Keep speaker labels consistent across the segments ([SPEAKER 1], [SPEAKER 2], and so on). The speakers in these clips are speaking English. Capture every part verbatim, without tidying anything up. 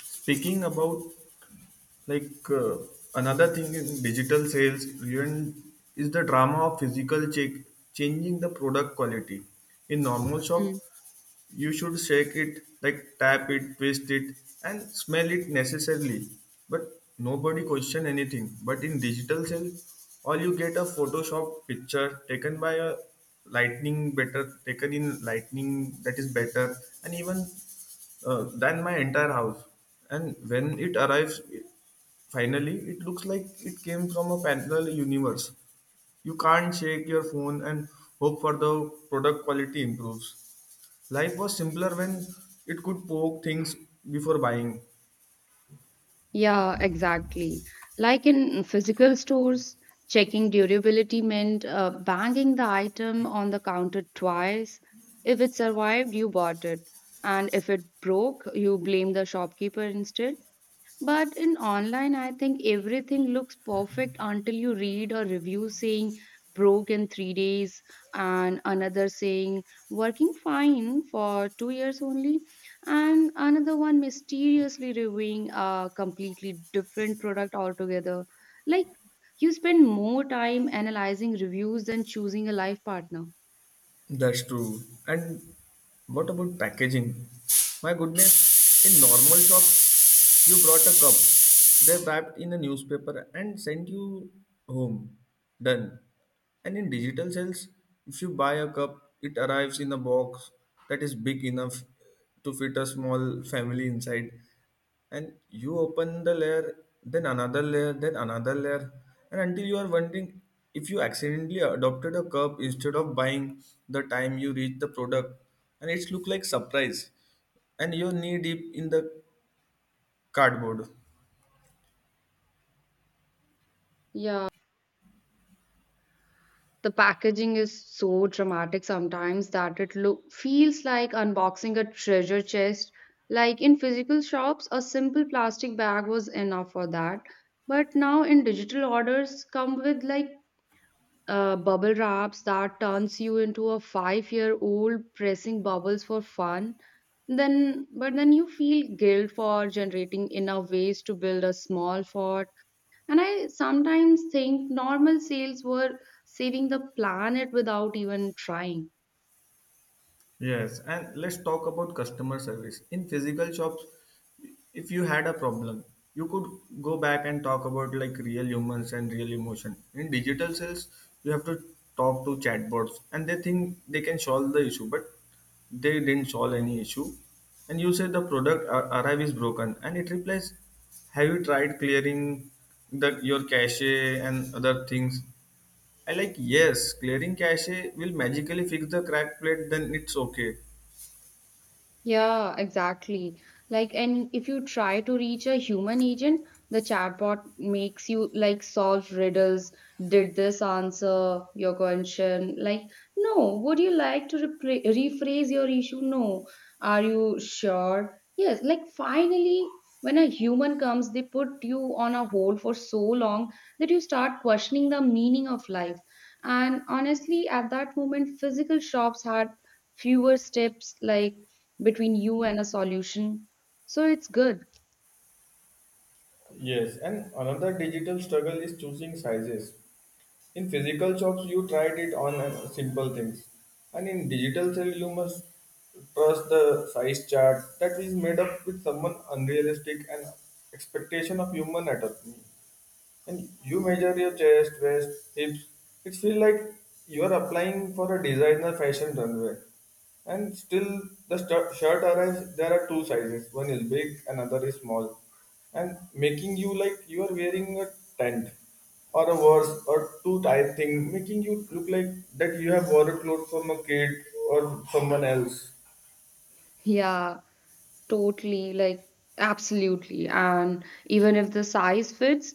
[SPEAKER 1] Speaking about like uh, another thing in digital sales even is the drama of physical check changing the product quality in normal shop,
[SPEAKER 2] Mm.
[SPEAKER 1] you should shake it like tap it twist it and smell it necessarily, but nobody question anything. But in digital cell, all you get a photoshop picture taken by a lightning better, taken in lightning that is better and even uh, than my entire house. And when it arrives finally, it looks like it came from a parallel universe. You can't shake your phone and hope for the product quality improves. Life was simpler when it could poke things before buying.
[SPEAKER 2] Yeah, exactly. Like in physical stores, checking durability meant uh, banging the item on the counter twice. If it survived, you bought it. And if it broke, you blame the shopkeeper instead. But in online, I think everything looks perfect until you read a review saying broke in three days and another saying working fine for two years only, and another one mysteriously reviewing a completely different product altogether. Like, you spend more time analyzing reviews than choosing a life partner.
[SPEAKER 1] That's true. And what about packaging? My goodness, in normal shops, you brought a cup, they wrapped in a newspaper and sent you home. Done. And in digital sales, if you buy a cup, it arrives in a box that is big enough to fit a small family inside. And you open the layer, then another layer, then another layer, and until you are wondering if you accidentally adopted a curb instead of buying. The time you reach the product and it's look like surprise, and you're knee deep in the cardboard.
[SPEAKER 2] Yeah. The packaging is so dramatic sometimes that it look, feels like unboxing a treasure chest. Like in physical shops, a simple plastic bag was enough for that. But now in digital orders come with like uh, bubble wraps that turns you into a five-year-old pressing bubbles for fun. Then, but then you feel guilt for generating enough waste to build a small fort, and I sometimes think normal sales were saving the planet without even trying.
[SPEAKER 1] Yes, and let's talk about customer service. In physical shops, if you had a problem, you could go back and talk about like real humans and real emotion. In digital sales, you have to talk to chatbots and they think they can solve the issue, but they didn't solve any issue. And you say the product ar- arrive is broken and it replies, have you tried clearing the your cache and other things? I like, yes, clearing cache will magically fix the crack plate, then it's okay.
[SPEAKER 2] Yeah, exactly. Like, and if you try to reach a human agent, the chatbot makes you like solve riddles. Did this answer your question? Like, no. Would you like to repra- rephrase your issue? No. Are you sure? Yes. Like, finally, when a human comes, they put you on a hold for so long that you start questioning the meaning of life. And honestly, at that moment, physical shops had fewer steps, like, between you and a solution. So it's good.
[SPEAKER 1] Yes, and another digital struggle is choosing sizes. In physical shops, you tried it on uh, simple things, and in digital sale, you must trust the size chart that is made up with someone unrealistic and expectation of human anatomy, and you measure your chest, waist, hips. It feels like you are applying for a designer fashion runway. And still, the stu- shirt arrives. There are two sizes. One is big, another is small, and making you like you are wearing a tent or a worse or too tight thing, making you look like that you have borrowed clothes from a kid or someone else.
[SPEAKER 2] Yeah, totally. Like, absolutely. And even if the size fits,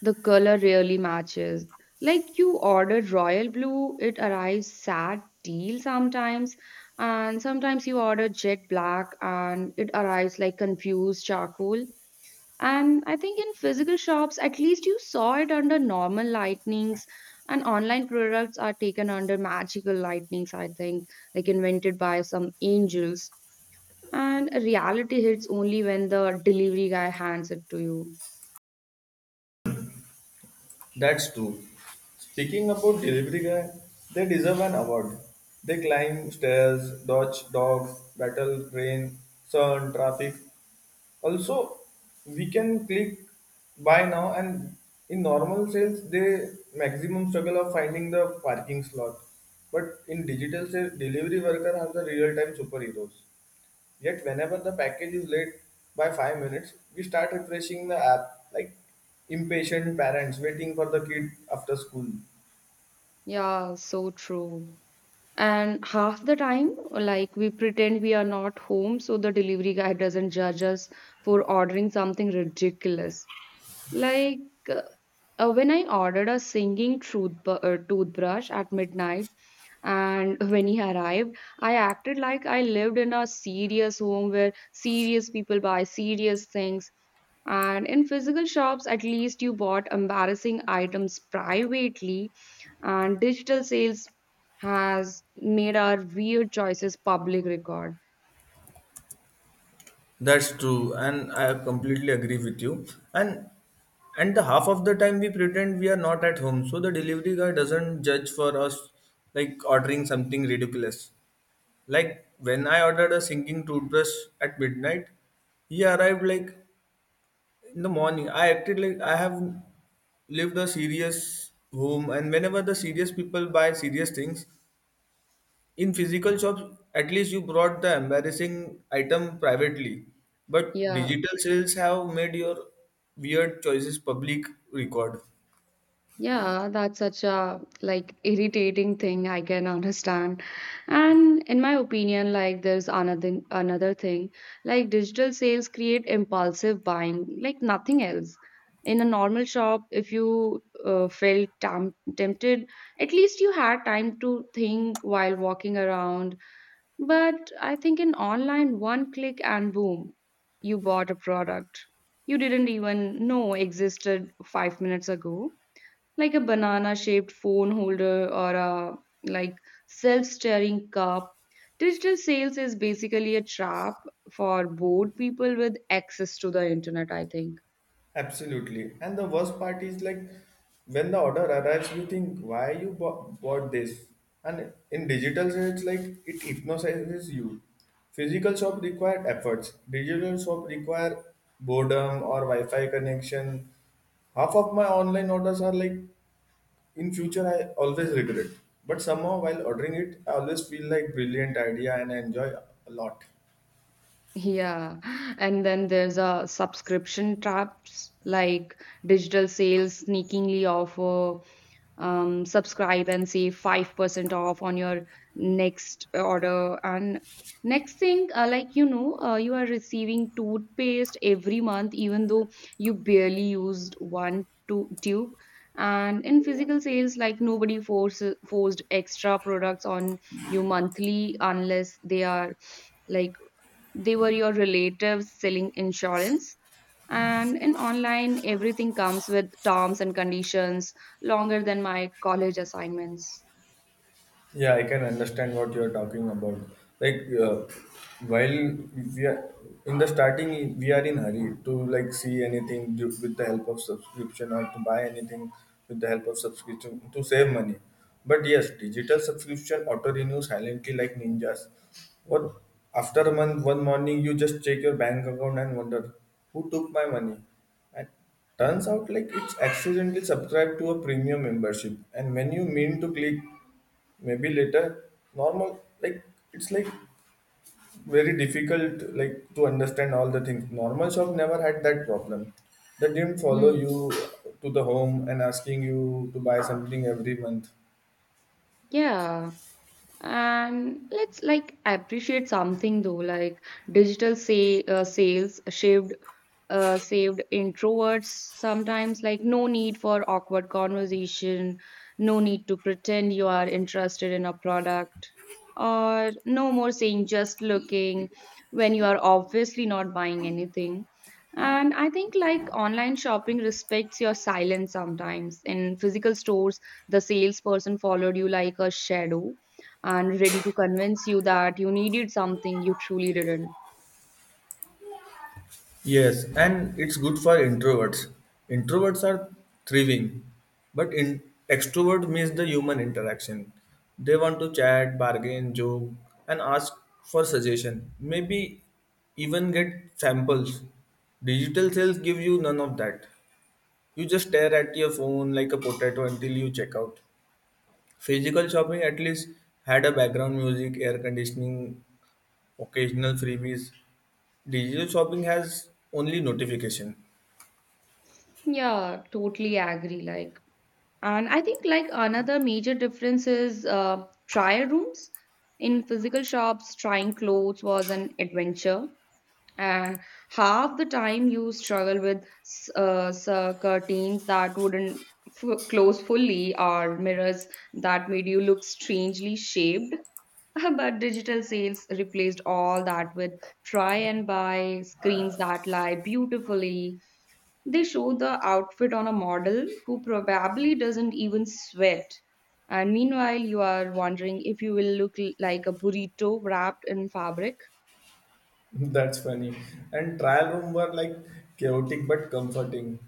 [SPEAKER 2] the color really matches. Like, you ordered royal blue, it arrives sad teal sometimes. And sometimes you order jet black and it arrives like confused charcoal. And I think in physical shops, at least you saw it under normal lightnings, and online products are taken under magical lightnings, I think, like invented by some angels. And reality hits only when the delivery guy hands it to you.
[SPEAKER 1] That's true. Speaking about delivery guy, they deserve an award. They climb stairs, dodge dogs, battle rain, sun, traffic. Also, we can click buy now and in normal sales they maximum struggle of finding the parking slot. But in digital sales, delivery worker are the real time superheroes. Yet whenever the package is late by five minutes, we start refreshing the app like impatient parents waiting for the kid after school.
[SPEAKER 2] Yeah, so true. And half the time, like, we pretend we are not home so the delivery guy doesn't judge us for ordering something ridiculous. Like, uh, Uh, when I ordered a singing tooth uh, toothbrush at midnight, and when he arrived, I acted like I lived in a serious home where serious people buy serious things. And in physical shops, at least you bought embarrassing items privately, and digital sales has made our weird choices public record.
[SPEAKER 1] That's true, and I completely agree with you. And and the half of the time we pretend we are not at home, so the delivery guy doesn't judge for us like ordering something ridiculous. Like when I ordered a sinking toothbrush at midnight, he arrived like in the morning. I acted like I have lived a serious home and whenever the serious people buy serious things. In physical shops, at least you brought the embarrassing item privately, but
[SPEAKER 2] Yeah.
[SPEAKER 1] digital sales have made your weird choices public record.
[SPEAKER 2] Yeah, that's such a like irritating thing, I can understand. And in my opinion, like, there's another another thing, like digital sales create impulsive buying, like nothing else. In a normal shop, if you uh, felt tam tempted, at least you had time to think while walking around. But I think in online, one click and boom, you bought a product you didn't even know existed five minutes ago, like a banana shaped phone holder or a, like, self steering cup. Digital sales is basically a trap for bored people with access to the internet, I think.
[SPEAKER 1] Absolutely. And the worst part is like when the order arrives, you think, why you bought, bought this? And in digital, it's like it hypnotizes you. Physical shop required efforts. Digital shop require boredom or Wi-Fi connection. Half of my online orders are like in future I always regret. But somehow while ordering it, I always feel like brilliant idea and I enjoy a lot.
[SPEAKER 2] Yeah, and then there's a subscription traps, like digital sales sneakingly offer um, subscribe and save five percent off on your next order. And next thing, uh, like, you know, uh, you are receiving toothpaste every month even though you barely used one to- tube. And in physical sales, like, nobody forces forced extra products on you monthly unless they are, like, they were your relatives selling insurance. And in online, everything comes with terms and conditions longer than my college assignments.
[SPEAKER 1] Yeah, I can understand what you're talking about. Like, uh, while we are in the starting, we are in hurry to like see anything du- with the help of subscription or to buy anything with the help of subscription to save money. But yes, digital subscription auto renew silently like ninjas. What after a month, one morning you just check your bank account and wonder who took my money, and turns out like it's accidentally subscribed to a premium membership and when you mean to click maybe later normal like it's like very difficult like to understand all the things. Normal shop never had that problem. They didn't follow
[SPEAKER 2] Mm.
[SPEAKER 1] you to the home and asking you to buy something every month.
[SPEAKER 2] Yeah. And let's like appreciate something though, like, digital say uh, sales shaved uh, saved introverts sometimes. Like no need for awkward conversation, no need to pretend you are interested in a product, or no more saying just looking when you are obviously not buying anything. And I think, like, online shopping respects your silence sometimes. In physical stores, the salesperson followed you like a shadow and ready to convince you that you needed something you truly didn't.
[SPEAKER 1] Yes, and it's good for introverts. Introverts are thriving, but in extrovert miss the human interaction. They want to chat, bargain, joke, and ask for suggestion. Maybe even get samples. Digital sales give you none of that. You just stare at your phone like a potato until you check out. Physical shopping at least had a background music, air conditioning, occasional freebies. Digital shopping has only notification.
[SPEAKER 2] Yeah, totally agree. Like, and I think like another major difference is uh, trial rooms. In physical shops, trying clothes was an adventure, and half the time you struggle with s- uh, s- uh, curtains that wouldn't f- close fully, or mirrors that made you look strangely shaped. But digital sales replaced all that with try and buy, screens that lie beautifully. They show the outfit on a model who probably doesn't even sweat. And meanwhile, you are wondering if you will look l- like a burrito wrapped in fabric.
[SPEAKER 1] That's funny. And trial room were like chaotic but comforting.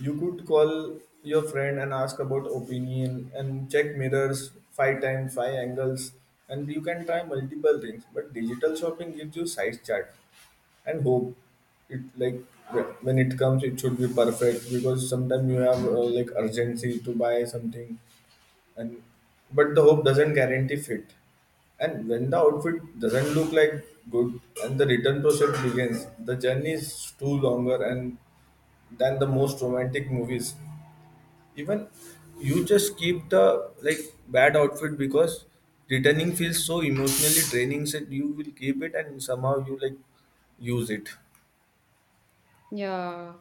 [SPEAKER 1] You could call your friend and ask about opinion and check mirrors five times, five angles, and you can try multiple things. But digital shopping gives you size chart and hope. It like wh- when it comes, it should be perfect because sometimes you have uh, like urgency to buy something, and but the hope doesn't guarantee fit. And when the outfit doesn't look like good and the return process begins, the journey is too longer and than the most romantic movies. Even you just keep the like bad outfit because returning feels so emotionally draining, so you will keep it and somehow you like use it.
[SPEAKER 2] Yeah.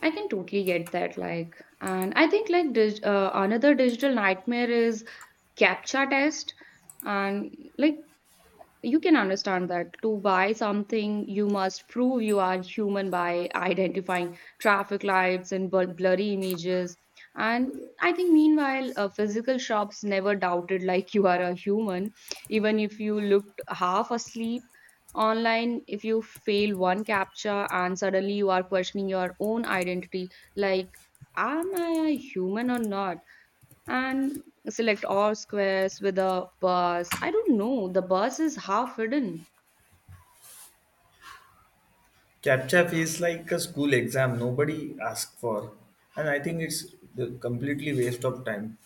[SPEAKER 2] I can totally get that. Like, and I think like dig- uh, another digital nightmare is CAPTCHA test. And like, you can understand that to buy something, you must prove you are human by identifying traffic lights and bl- blurry images. And I think, meanwhile, uh, physical shops never doubted like you are a human, even if you looked half asleep. Online, if you fail one captcha and suddenly you are questioning your own identity, like, am I a human or not? And select all squares with a bus. I don't know, the bus is half hidden.
[SPEAKER 1] CAPTCHA feels like a school exam nobody asks for, and I think it's the completely waste of time.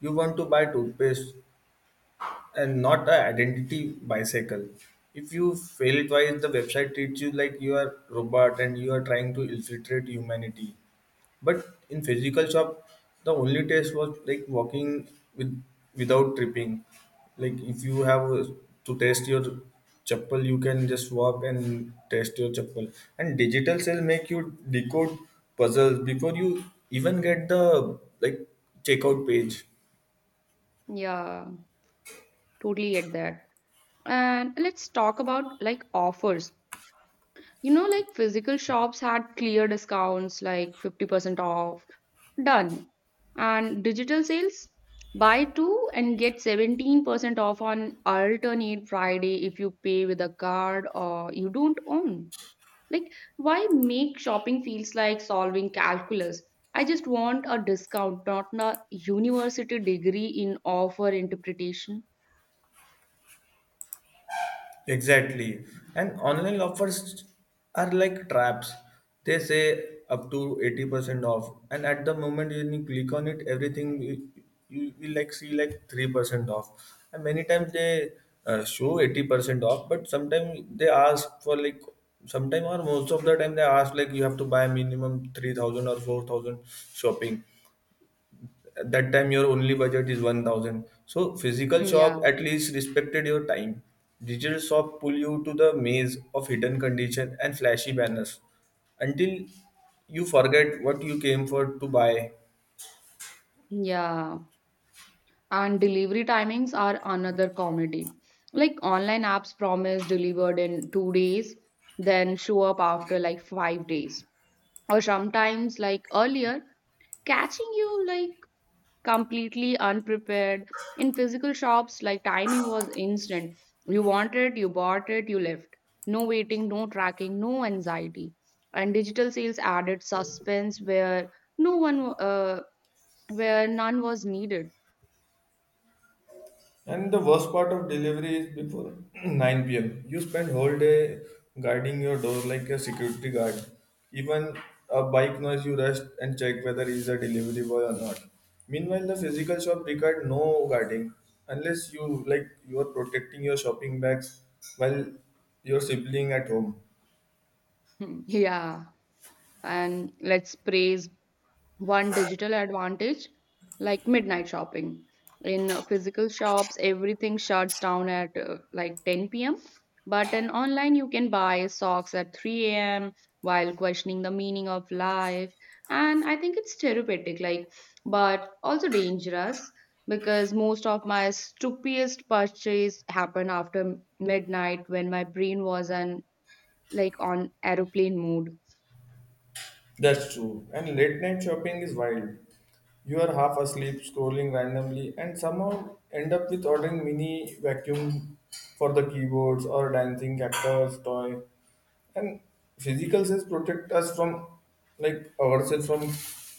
[SPEAKER 1] You want to buy toothpaste and not an identity bicycle. If you fail twice, the website treats you like you are robot and you are trying to infiltrate humanity. But in physical shop, the only test was like walking with without tripping. Like if you have uh, to test your chappal, you can just walk and test your chappal. And digital sales make you decode puzzles before you even get the like checkout page.
[SPEAKER 2] Yeah, totally get that. And let's talk about like offers. You know, like physical shops had clear discounts like fifty percent off. Done. And digital sales, buy two and get seventeen percent off on alternate Friday if you pay with a card or you don't own. Like, why make shopping feels like solving calculus? I just want a discount, not a university degree in offer interpretation.
[SPEAKER 1] Exactly. And online offers are like traps. They say up to eighty percent off. And at the moment when you click on it, everything you, you will like see like three percent off. And many times they uh, show eighty percent off, but sometimes they ask for like sometimes or most of the time they ask like you have to buy minimum three thousand or four thousand shopping. At that time your only budget is one thousand, so physical shop
[SPEAKER 2] Yeah,
[SPEAKER 1] at least respected your time. Digital shop pull you to the maze of hidden condition and flashy banners until you forget what you came for to buy.
[SPEAKER 2] yeah. And delivery timings are another comedy. Like, online apps promise delivered in two days, then show up after like five days. Or sometimes like earlier, catching you like completely unprepared. In physical shops, like, timing was instant. You want it, you bought it, you left. No waiting, no tracking, no anxiety. And digital sales added suspense where no one, uh, where none was needed.
[SPEAKER 1] And the worst part of delivery is before nine p m. You spend whole day guarding your door like a security guard. Even a bike noise, you rush and check whether he is a delivery boy or not. Meanwhile, the physical shop required no guarding unless you like you are protecting your shopping bags while you're sibling at home.
[SPEAKER 2] Yeah. And let's praise one digital advantage, like midnight shopping. In uh, physical shops, everything shuts down at uh, like ten p m. But in online, you can buy socks at three a m while questioning the meaning of life. And I think it's therapeutic, like, but also dangerous because most of my stupidest purchase happened after midnight when my brain was on, like, on aeroplane mode.
[SPEAKER 1] That's true. And late night shopping is wild. You are half asleep, scrolling randomly, and somehow end up with ordering mini vacuum for the keyboards or dancing cactus toy. And physical sales protect us from, like ourselves from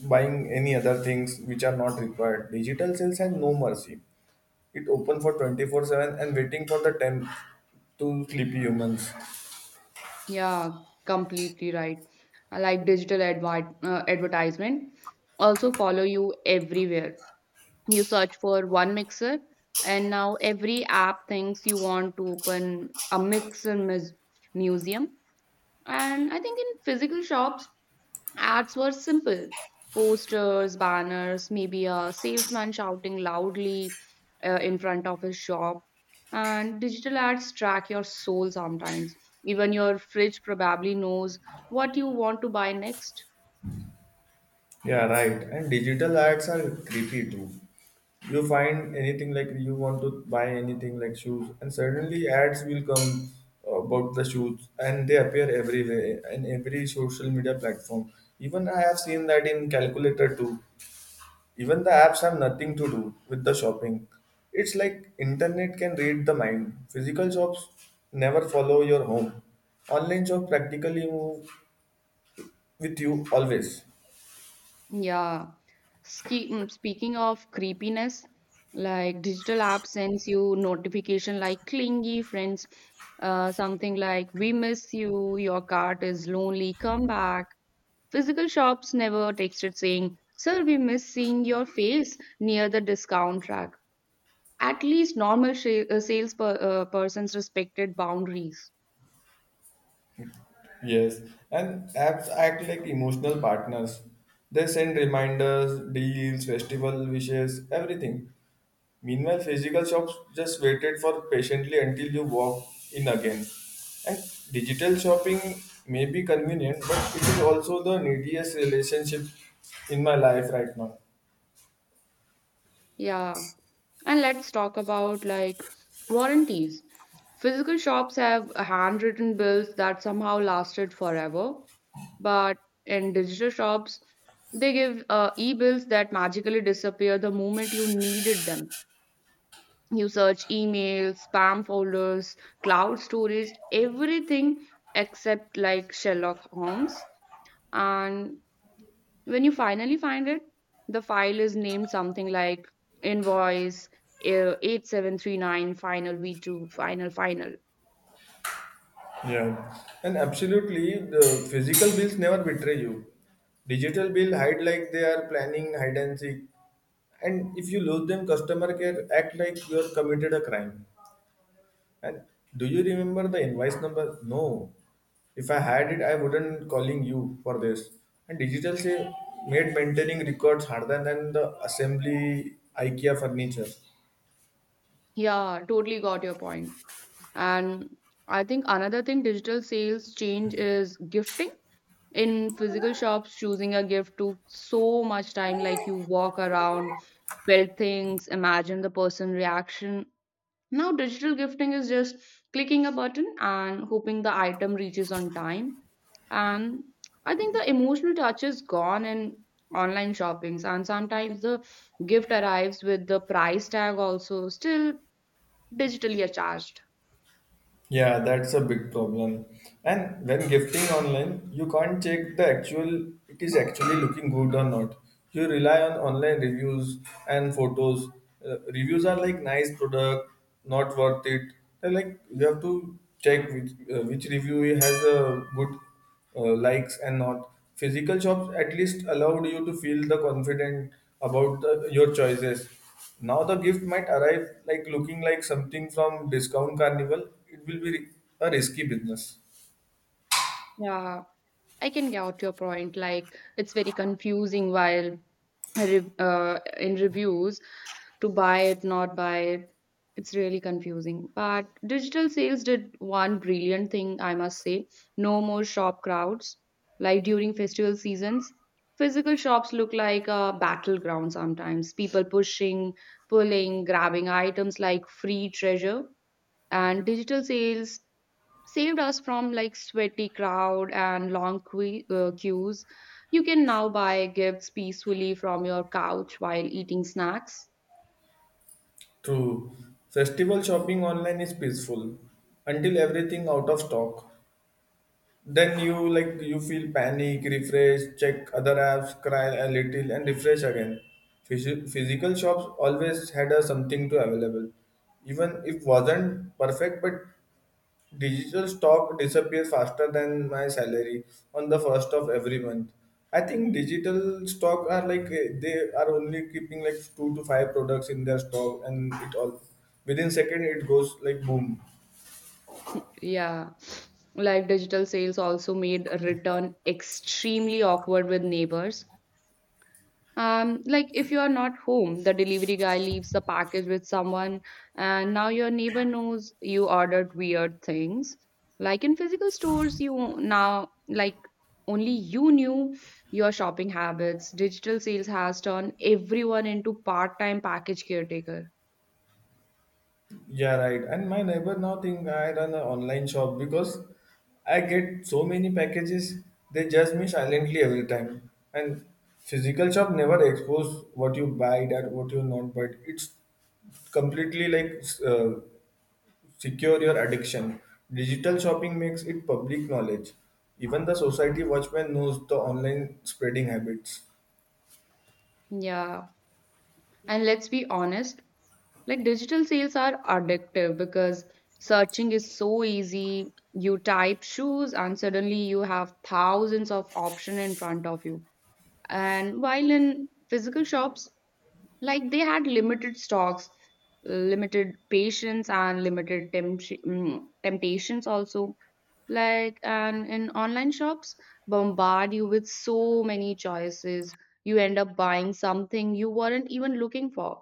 [SPEAKER 1] buying any other things which are not required. Digital sales has no mercy. It open for twenty four seven and waiting for the ten to sleepy humans.
[SPEAKER 2] Yeah, completely right. I like digital advi- uh, advertisement also follow you everywhere. You search for one mixer, and now every app thinks you want to open a mixer mus- museum. And I think in physical shops, ads were simple posters, banners, maybe a salesman shouting loudly uh, in front of his shop. And digital ads track your soul sometimes. Even your fridge probably knows what you want to buy next.
[SPEAKER 1] Yeah, right. And digital ads are creepy too. You find anything like you want to buy anything like shoes, and suddenly ads will come about the shoes, and they appear everywhere in every social media platform. Even I have seen that in calculator too. Even the apps have nothing to do with the shopping. It's like internet can read the mind. Physical shops never follow your home. Online shop practically move with you always.
[SPEAKER 2] Yeah. Ski- mm, Speaking of creepiness, like digital app sends you notification like clingy friends, uh, something like, we miss you, your cart is lonely, come back. Physical shops never texted saying, Sir, we miss seeing your face near the discount rack. At least normal sh- uh, sales per- uh, persons respected boundaries.
[SPEAKER 1] Yes, and apps act like emotional partners. They send reminders, deals, festival wishes, everything. Meanwhile, physical shops just waited for patiently until you walk in again. And digital shopping may be convenient, but it is also the neediest relationship in my life right now.
[SPEAKER 2] Yeah. And let's talk about like warranties. Physical shops have handwritten bills that somehow lasted forever, but in digital shops, they give uh, e-bills that magically disappear the moment you needed them. You search emails, spam folders, cloud storage, everything except like Sherlock Holmes. And when you finally find it, the file is named something like invoice uh, eight seven three nine final V two final final.
[SPEAKER 1] Yeah, and absolutely, the physical bills never betray you. Digital bill hide like they are planning hide and seek, and if you lose them, customer care act like you are committed a crime. And do you remember the invoice number? No. If I had it, I wouldn't calling you for this. And digital say made maintaining records harder than the assembly IKEA furniture.
[SPEAKER 2] Yeah, totally got your point. And I think another thing digital sales change is gifting. In physical shops, choosing a gift took so much time, like you walk around, feel things, imagine the person reaction. Now digital gifting is just clicking a button and hoping the item reaches on time. And I think the emotional touch is gone in online shoppings, and sometimes the gift arrives with the price tag also still digitally attached.
[SPEAKER 1] Yeah, that's a big problem. And when gifting online, you can't check the actual it is actually looking good or not. You rely on online reviews and photos. Uh, reviews are like nice product, not worth it. They're like you have to check which uh, which review has a good uh, likes and not physical shops at least allowed you to feel the confident about the, your choices. Now the gift might arrive like looking like something from discount carnival. It will be a risky business.
[SPEAKER 2] Yeah, I can get your point. Like, it's very confusing while re- uh, in reviews to buy it, not buy it. It's really confusing. But digital sales did one brilliant thing, I must say. No more shop crowds. Like during festival seasons, physical shops look like a battleground sometimes. People pushing, pulling, grabbing items like free treasure. And digital sales saved us from like sweaty crowd and long que- uh, queues. You can now buy gifts peacefully from your couch while eating snacks.
[SPEAKER 1] True, festival shopping online is peaceful until everything out of stock. Then you like you feel panic, refresh, check other apps, cry a little, and refresh again. Physi- physical shops always had a something to available, even if wasn't perfect. But digital stock disappears faster than my salary on the first of every month. I think digital stock are like eh, they are only keeping like two to five products in their stock, and it all within second it goes like boom.
[SPEAKER 2] Yeah. Like, digital sales also made a return extremely awkward with neighbors. Um, like if you are not home, the delivery guy leaves the package with someone, and now your neighbor knows you ordered weird things. Like in physical stores, you now like only you knew your shopping habits. Digital sales has turned everyone into part-time package caretaker.
[SPEAKER 1] Yeah, right. And my neighbor now think I run an online shop because I get so many packages. They judge me silently every time. And physical shop never expose what you buy, that what you not buy. It's completely like s- uh, secure your addiction. Digital shopping makes it public knowledge. Even the society watchman knows the online spreading habits.
[SPEAKER 2] Yeah. And let's be honest, like digital sales are addictive because searching is so easy. You type shoes and suddenly you have thousands of options in front of you. And while in physical shops, like they had limited stocks, limited patience, and limited tempt- mm, temptations also. Like, and in online shops, bombard you with so many choices. You end up buying something you weren't even looking for.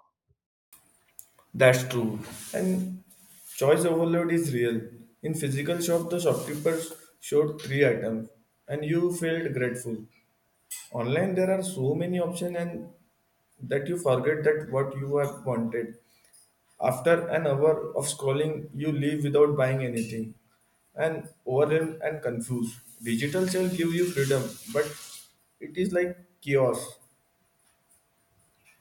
[SPEAKER 1] That's true. And choice overload is real. In physical shop, the shopkeeper showed three items and you felt grateful. Online, there are so many options and that you forget that what you have wanted. After an hour of scrolling, you leave without buying anything and overwhelmed and confused. Digital sale give you freedom, but it is like chaos.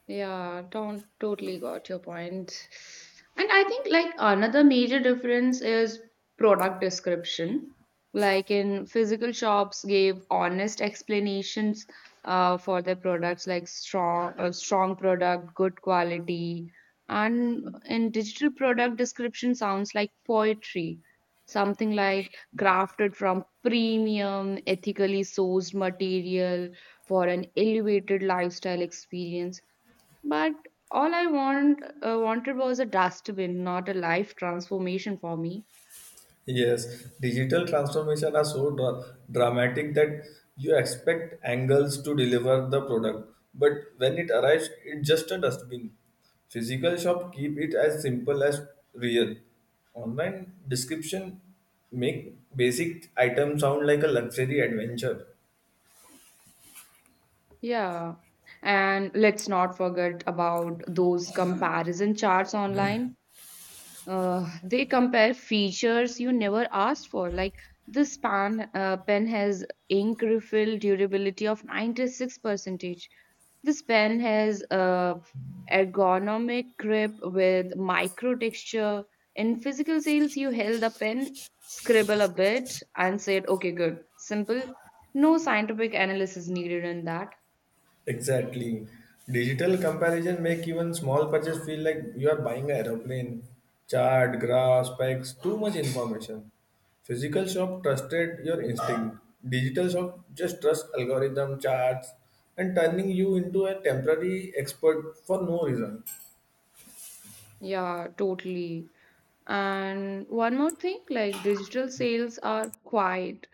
[SPEAKER 2] Yeah, don't totally got your point. And I think like another major difference is product description. Like in physical shops gave honest explanations uh, for their products like strong uh, strong product, good quality. And in digital product description sounds like poetry. Something like crafted from premium, ethically sourced material for an elevated lifestyle experience, but all I want uh, wanted was a dustbin, not a life transformation for me.
[SPEAKER 1] Yes, digital transformation are so dra- dramatic that you expect angles to deliver the product, but when it arrives, it's just a dustbin. Physical shop keep it as simple as real. Online description make basic item sound like a luxury adventure.
[SPEAKER 2] Yeah. And let's not forget about those comparison charts online. Uh, they compare features you never asked for, like this pan uh, pen has ink refill durability of ninety-six percentage, this pen has a ergonomic grip with micro texture. In physical sales, you held the pen, scribble a bit and said okay, good, simple. No scientific analysis needed in that.
[SPEAKER 1] Exactly. Digital comparison make even small purchase feel like you are buying an aeroplane, chart, graphs, specs, too much information. Physical shop trusted your instinct. Digital shop just trust algorithm, charts, and turning you into a temporary expert for no reason.
[SPEAKER 2] Yeah, totally. And one more thing, like digital sales are quiet.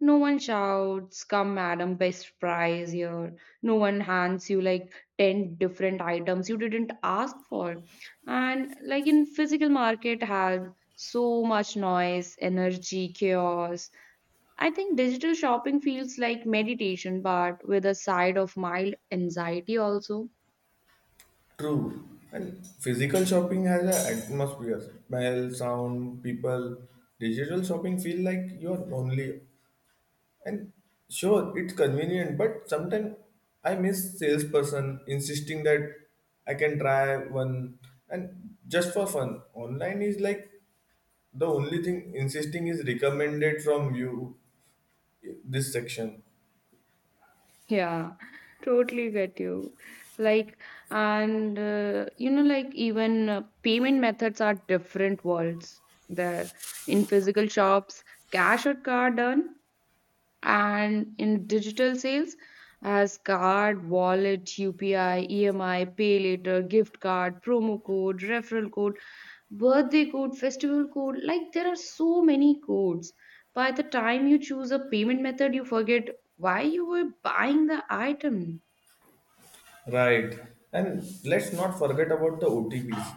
[SPEAKER 2] No one shouts, come madam, best price here. No one hands you like ten different items you didn't ask for. And like in physical market has so much noise, energy, chaos. I think digital shopping feels like meditation, but with a side of mild anxiety also.
[SPEAKER 1] True. And physical shopping has an atmosphere, smell, sound, people. Digital shopping feel like you are lonely. And sure, it's convenient, but sometimes I miss salesperson insisting that I can try one and just for fun. Online is like the only thing insisting is recommended from you this section.
[SPEAKER 2] Yeah, totally get you. Like, and uh, you know, like even uh, payment methods are different worlds there. In physical shops, cash or card earn, and in digital sales, as card, wallet, U P I, E M I, pay later, gift card, promo code, referral code, birthday code, festival code. Like there are so many codes. By the time you choose a payment method, you forget why you were buying the item.
[SPEAKER 1] Right. And let's not forget about the O T Ps.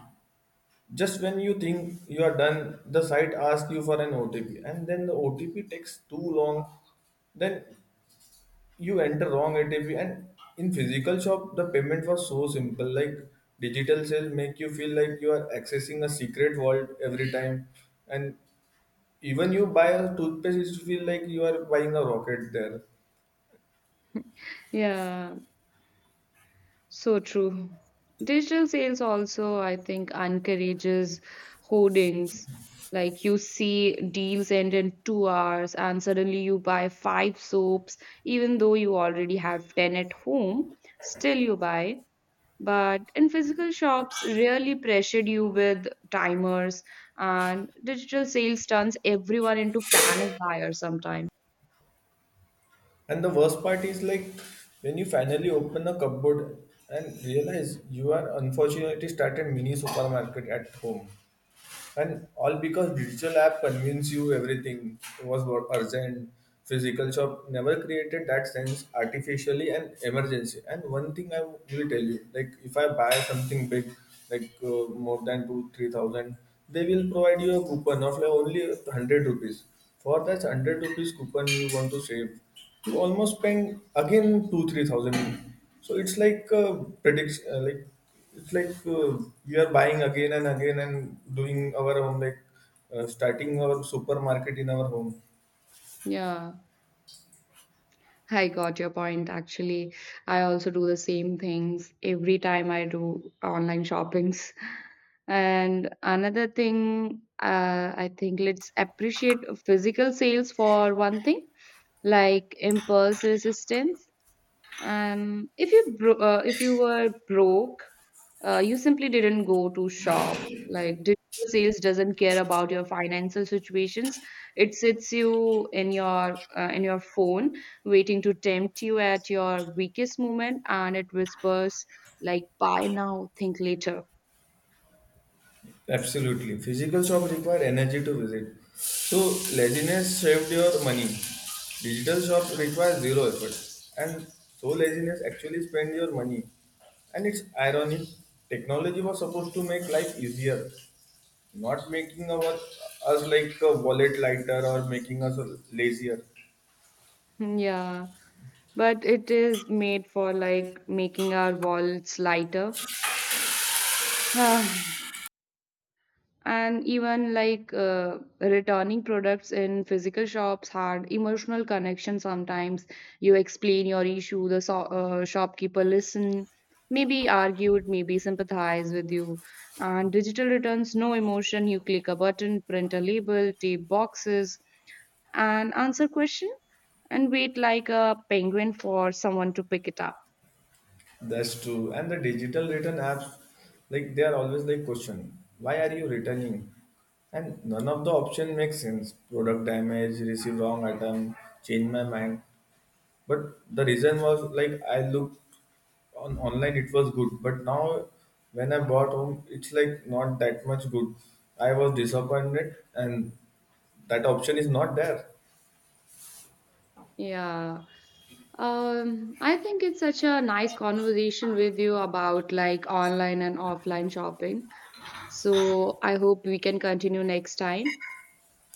[SPEAKER 1] Just when you think you are done, the site asks you for an O T P, and then the O T P takes too long. Then you enter wrong A T P, and in physical shop the payment was so simple. Like digital sale make you feel like you are accessing a secret world every time, and even you buy a toothpaste it feel like you are buying a rocket there.
[SPEAKER 2] Yeah, so true. Digital sales also, I think, encourages hoardings. Like you see deals end in two hours, and suddenly you buy five soaps, even though you already have ten at home, still you buy. But in physical shops, really pressured you with timers, and digital sales turns everyone into panic buyers sometimes.
[SPEAKER 1] And the worst part is like when you finally open a cupboard and realize you are unfortunately started mini supermarket at home. And all because digital app convince you everything was wor- urgent. Physical shop never created that sense artificially and emergency. And one thing I will tell you, like if I buy something big, like uh, more than two three thousand, they will provide you a coupon of like only hundred rupees. For that hundred rupees coupon you want to save, you almost spend again two three thousand. So it's like uh, prediction, uh, like it's like uh, we are buying again and again and doing our home, like uh, starting our supermarket in our home.
[SPEAKER 2] Yeah, I got your point actually. I also do the same things every time I do online shoppings. And another thing, uh, I think let's appreciate physical sales for one thing, like impulse resistance. Um, if you bro- uh, if you were broke, uh, you simply didn't go to shop. Like digital sales doesn't care about your financial situations. It sits you in your uh, in your phone, waiting to tempt you at your weakest moment, and it whispers like "Buy now, think later."
[SPEAKER 1] Absolutely. Physical shop require energy to visit. So laziness saved your money. Digital shop requires zero effort. And so laziness actually spend your money. And it's ironic. Technology was supposed to make life easier, not making our us like a wallet lighter or making us lazier.
[SPEAKER 2] Yeah, but it is made for like making our wallets lighter. Ah, and even like uh, returning products in physical shops had emotional connection. Sometimes you explain your issue, the so- uh, shopkeeper listen, maybe argued, maybe sympathize with you. And digital returns, no emotion. You click a button, print a label, tape boxes and answer question and wait like a penguin for someone to pick it up.
[SPEAKER 1] That's true. And the digital return apps, like they are always like question, why are you returning? And none of the option makes sense. Product damage, receive wrong item, change my mind. But the reason was like I looked on online, it was good. But now when I bought home, it's like not that much good. I was disappointed and that option is not there.
[SPEAKER 2] Yeah. Um, I think it's such a nice conversation with you about like online and offline shopping. So I hope we can continue next time.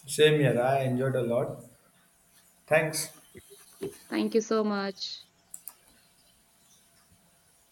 [SPEAKER 1] Same here. I enjoyed a lot. Thanks.
[SPEAKER 2] Thank you so much.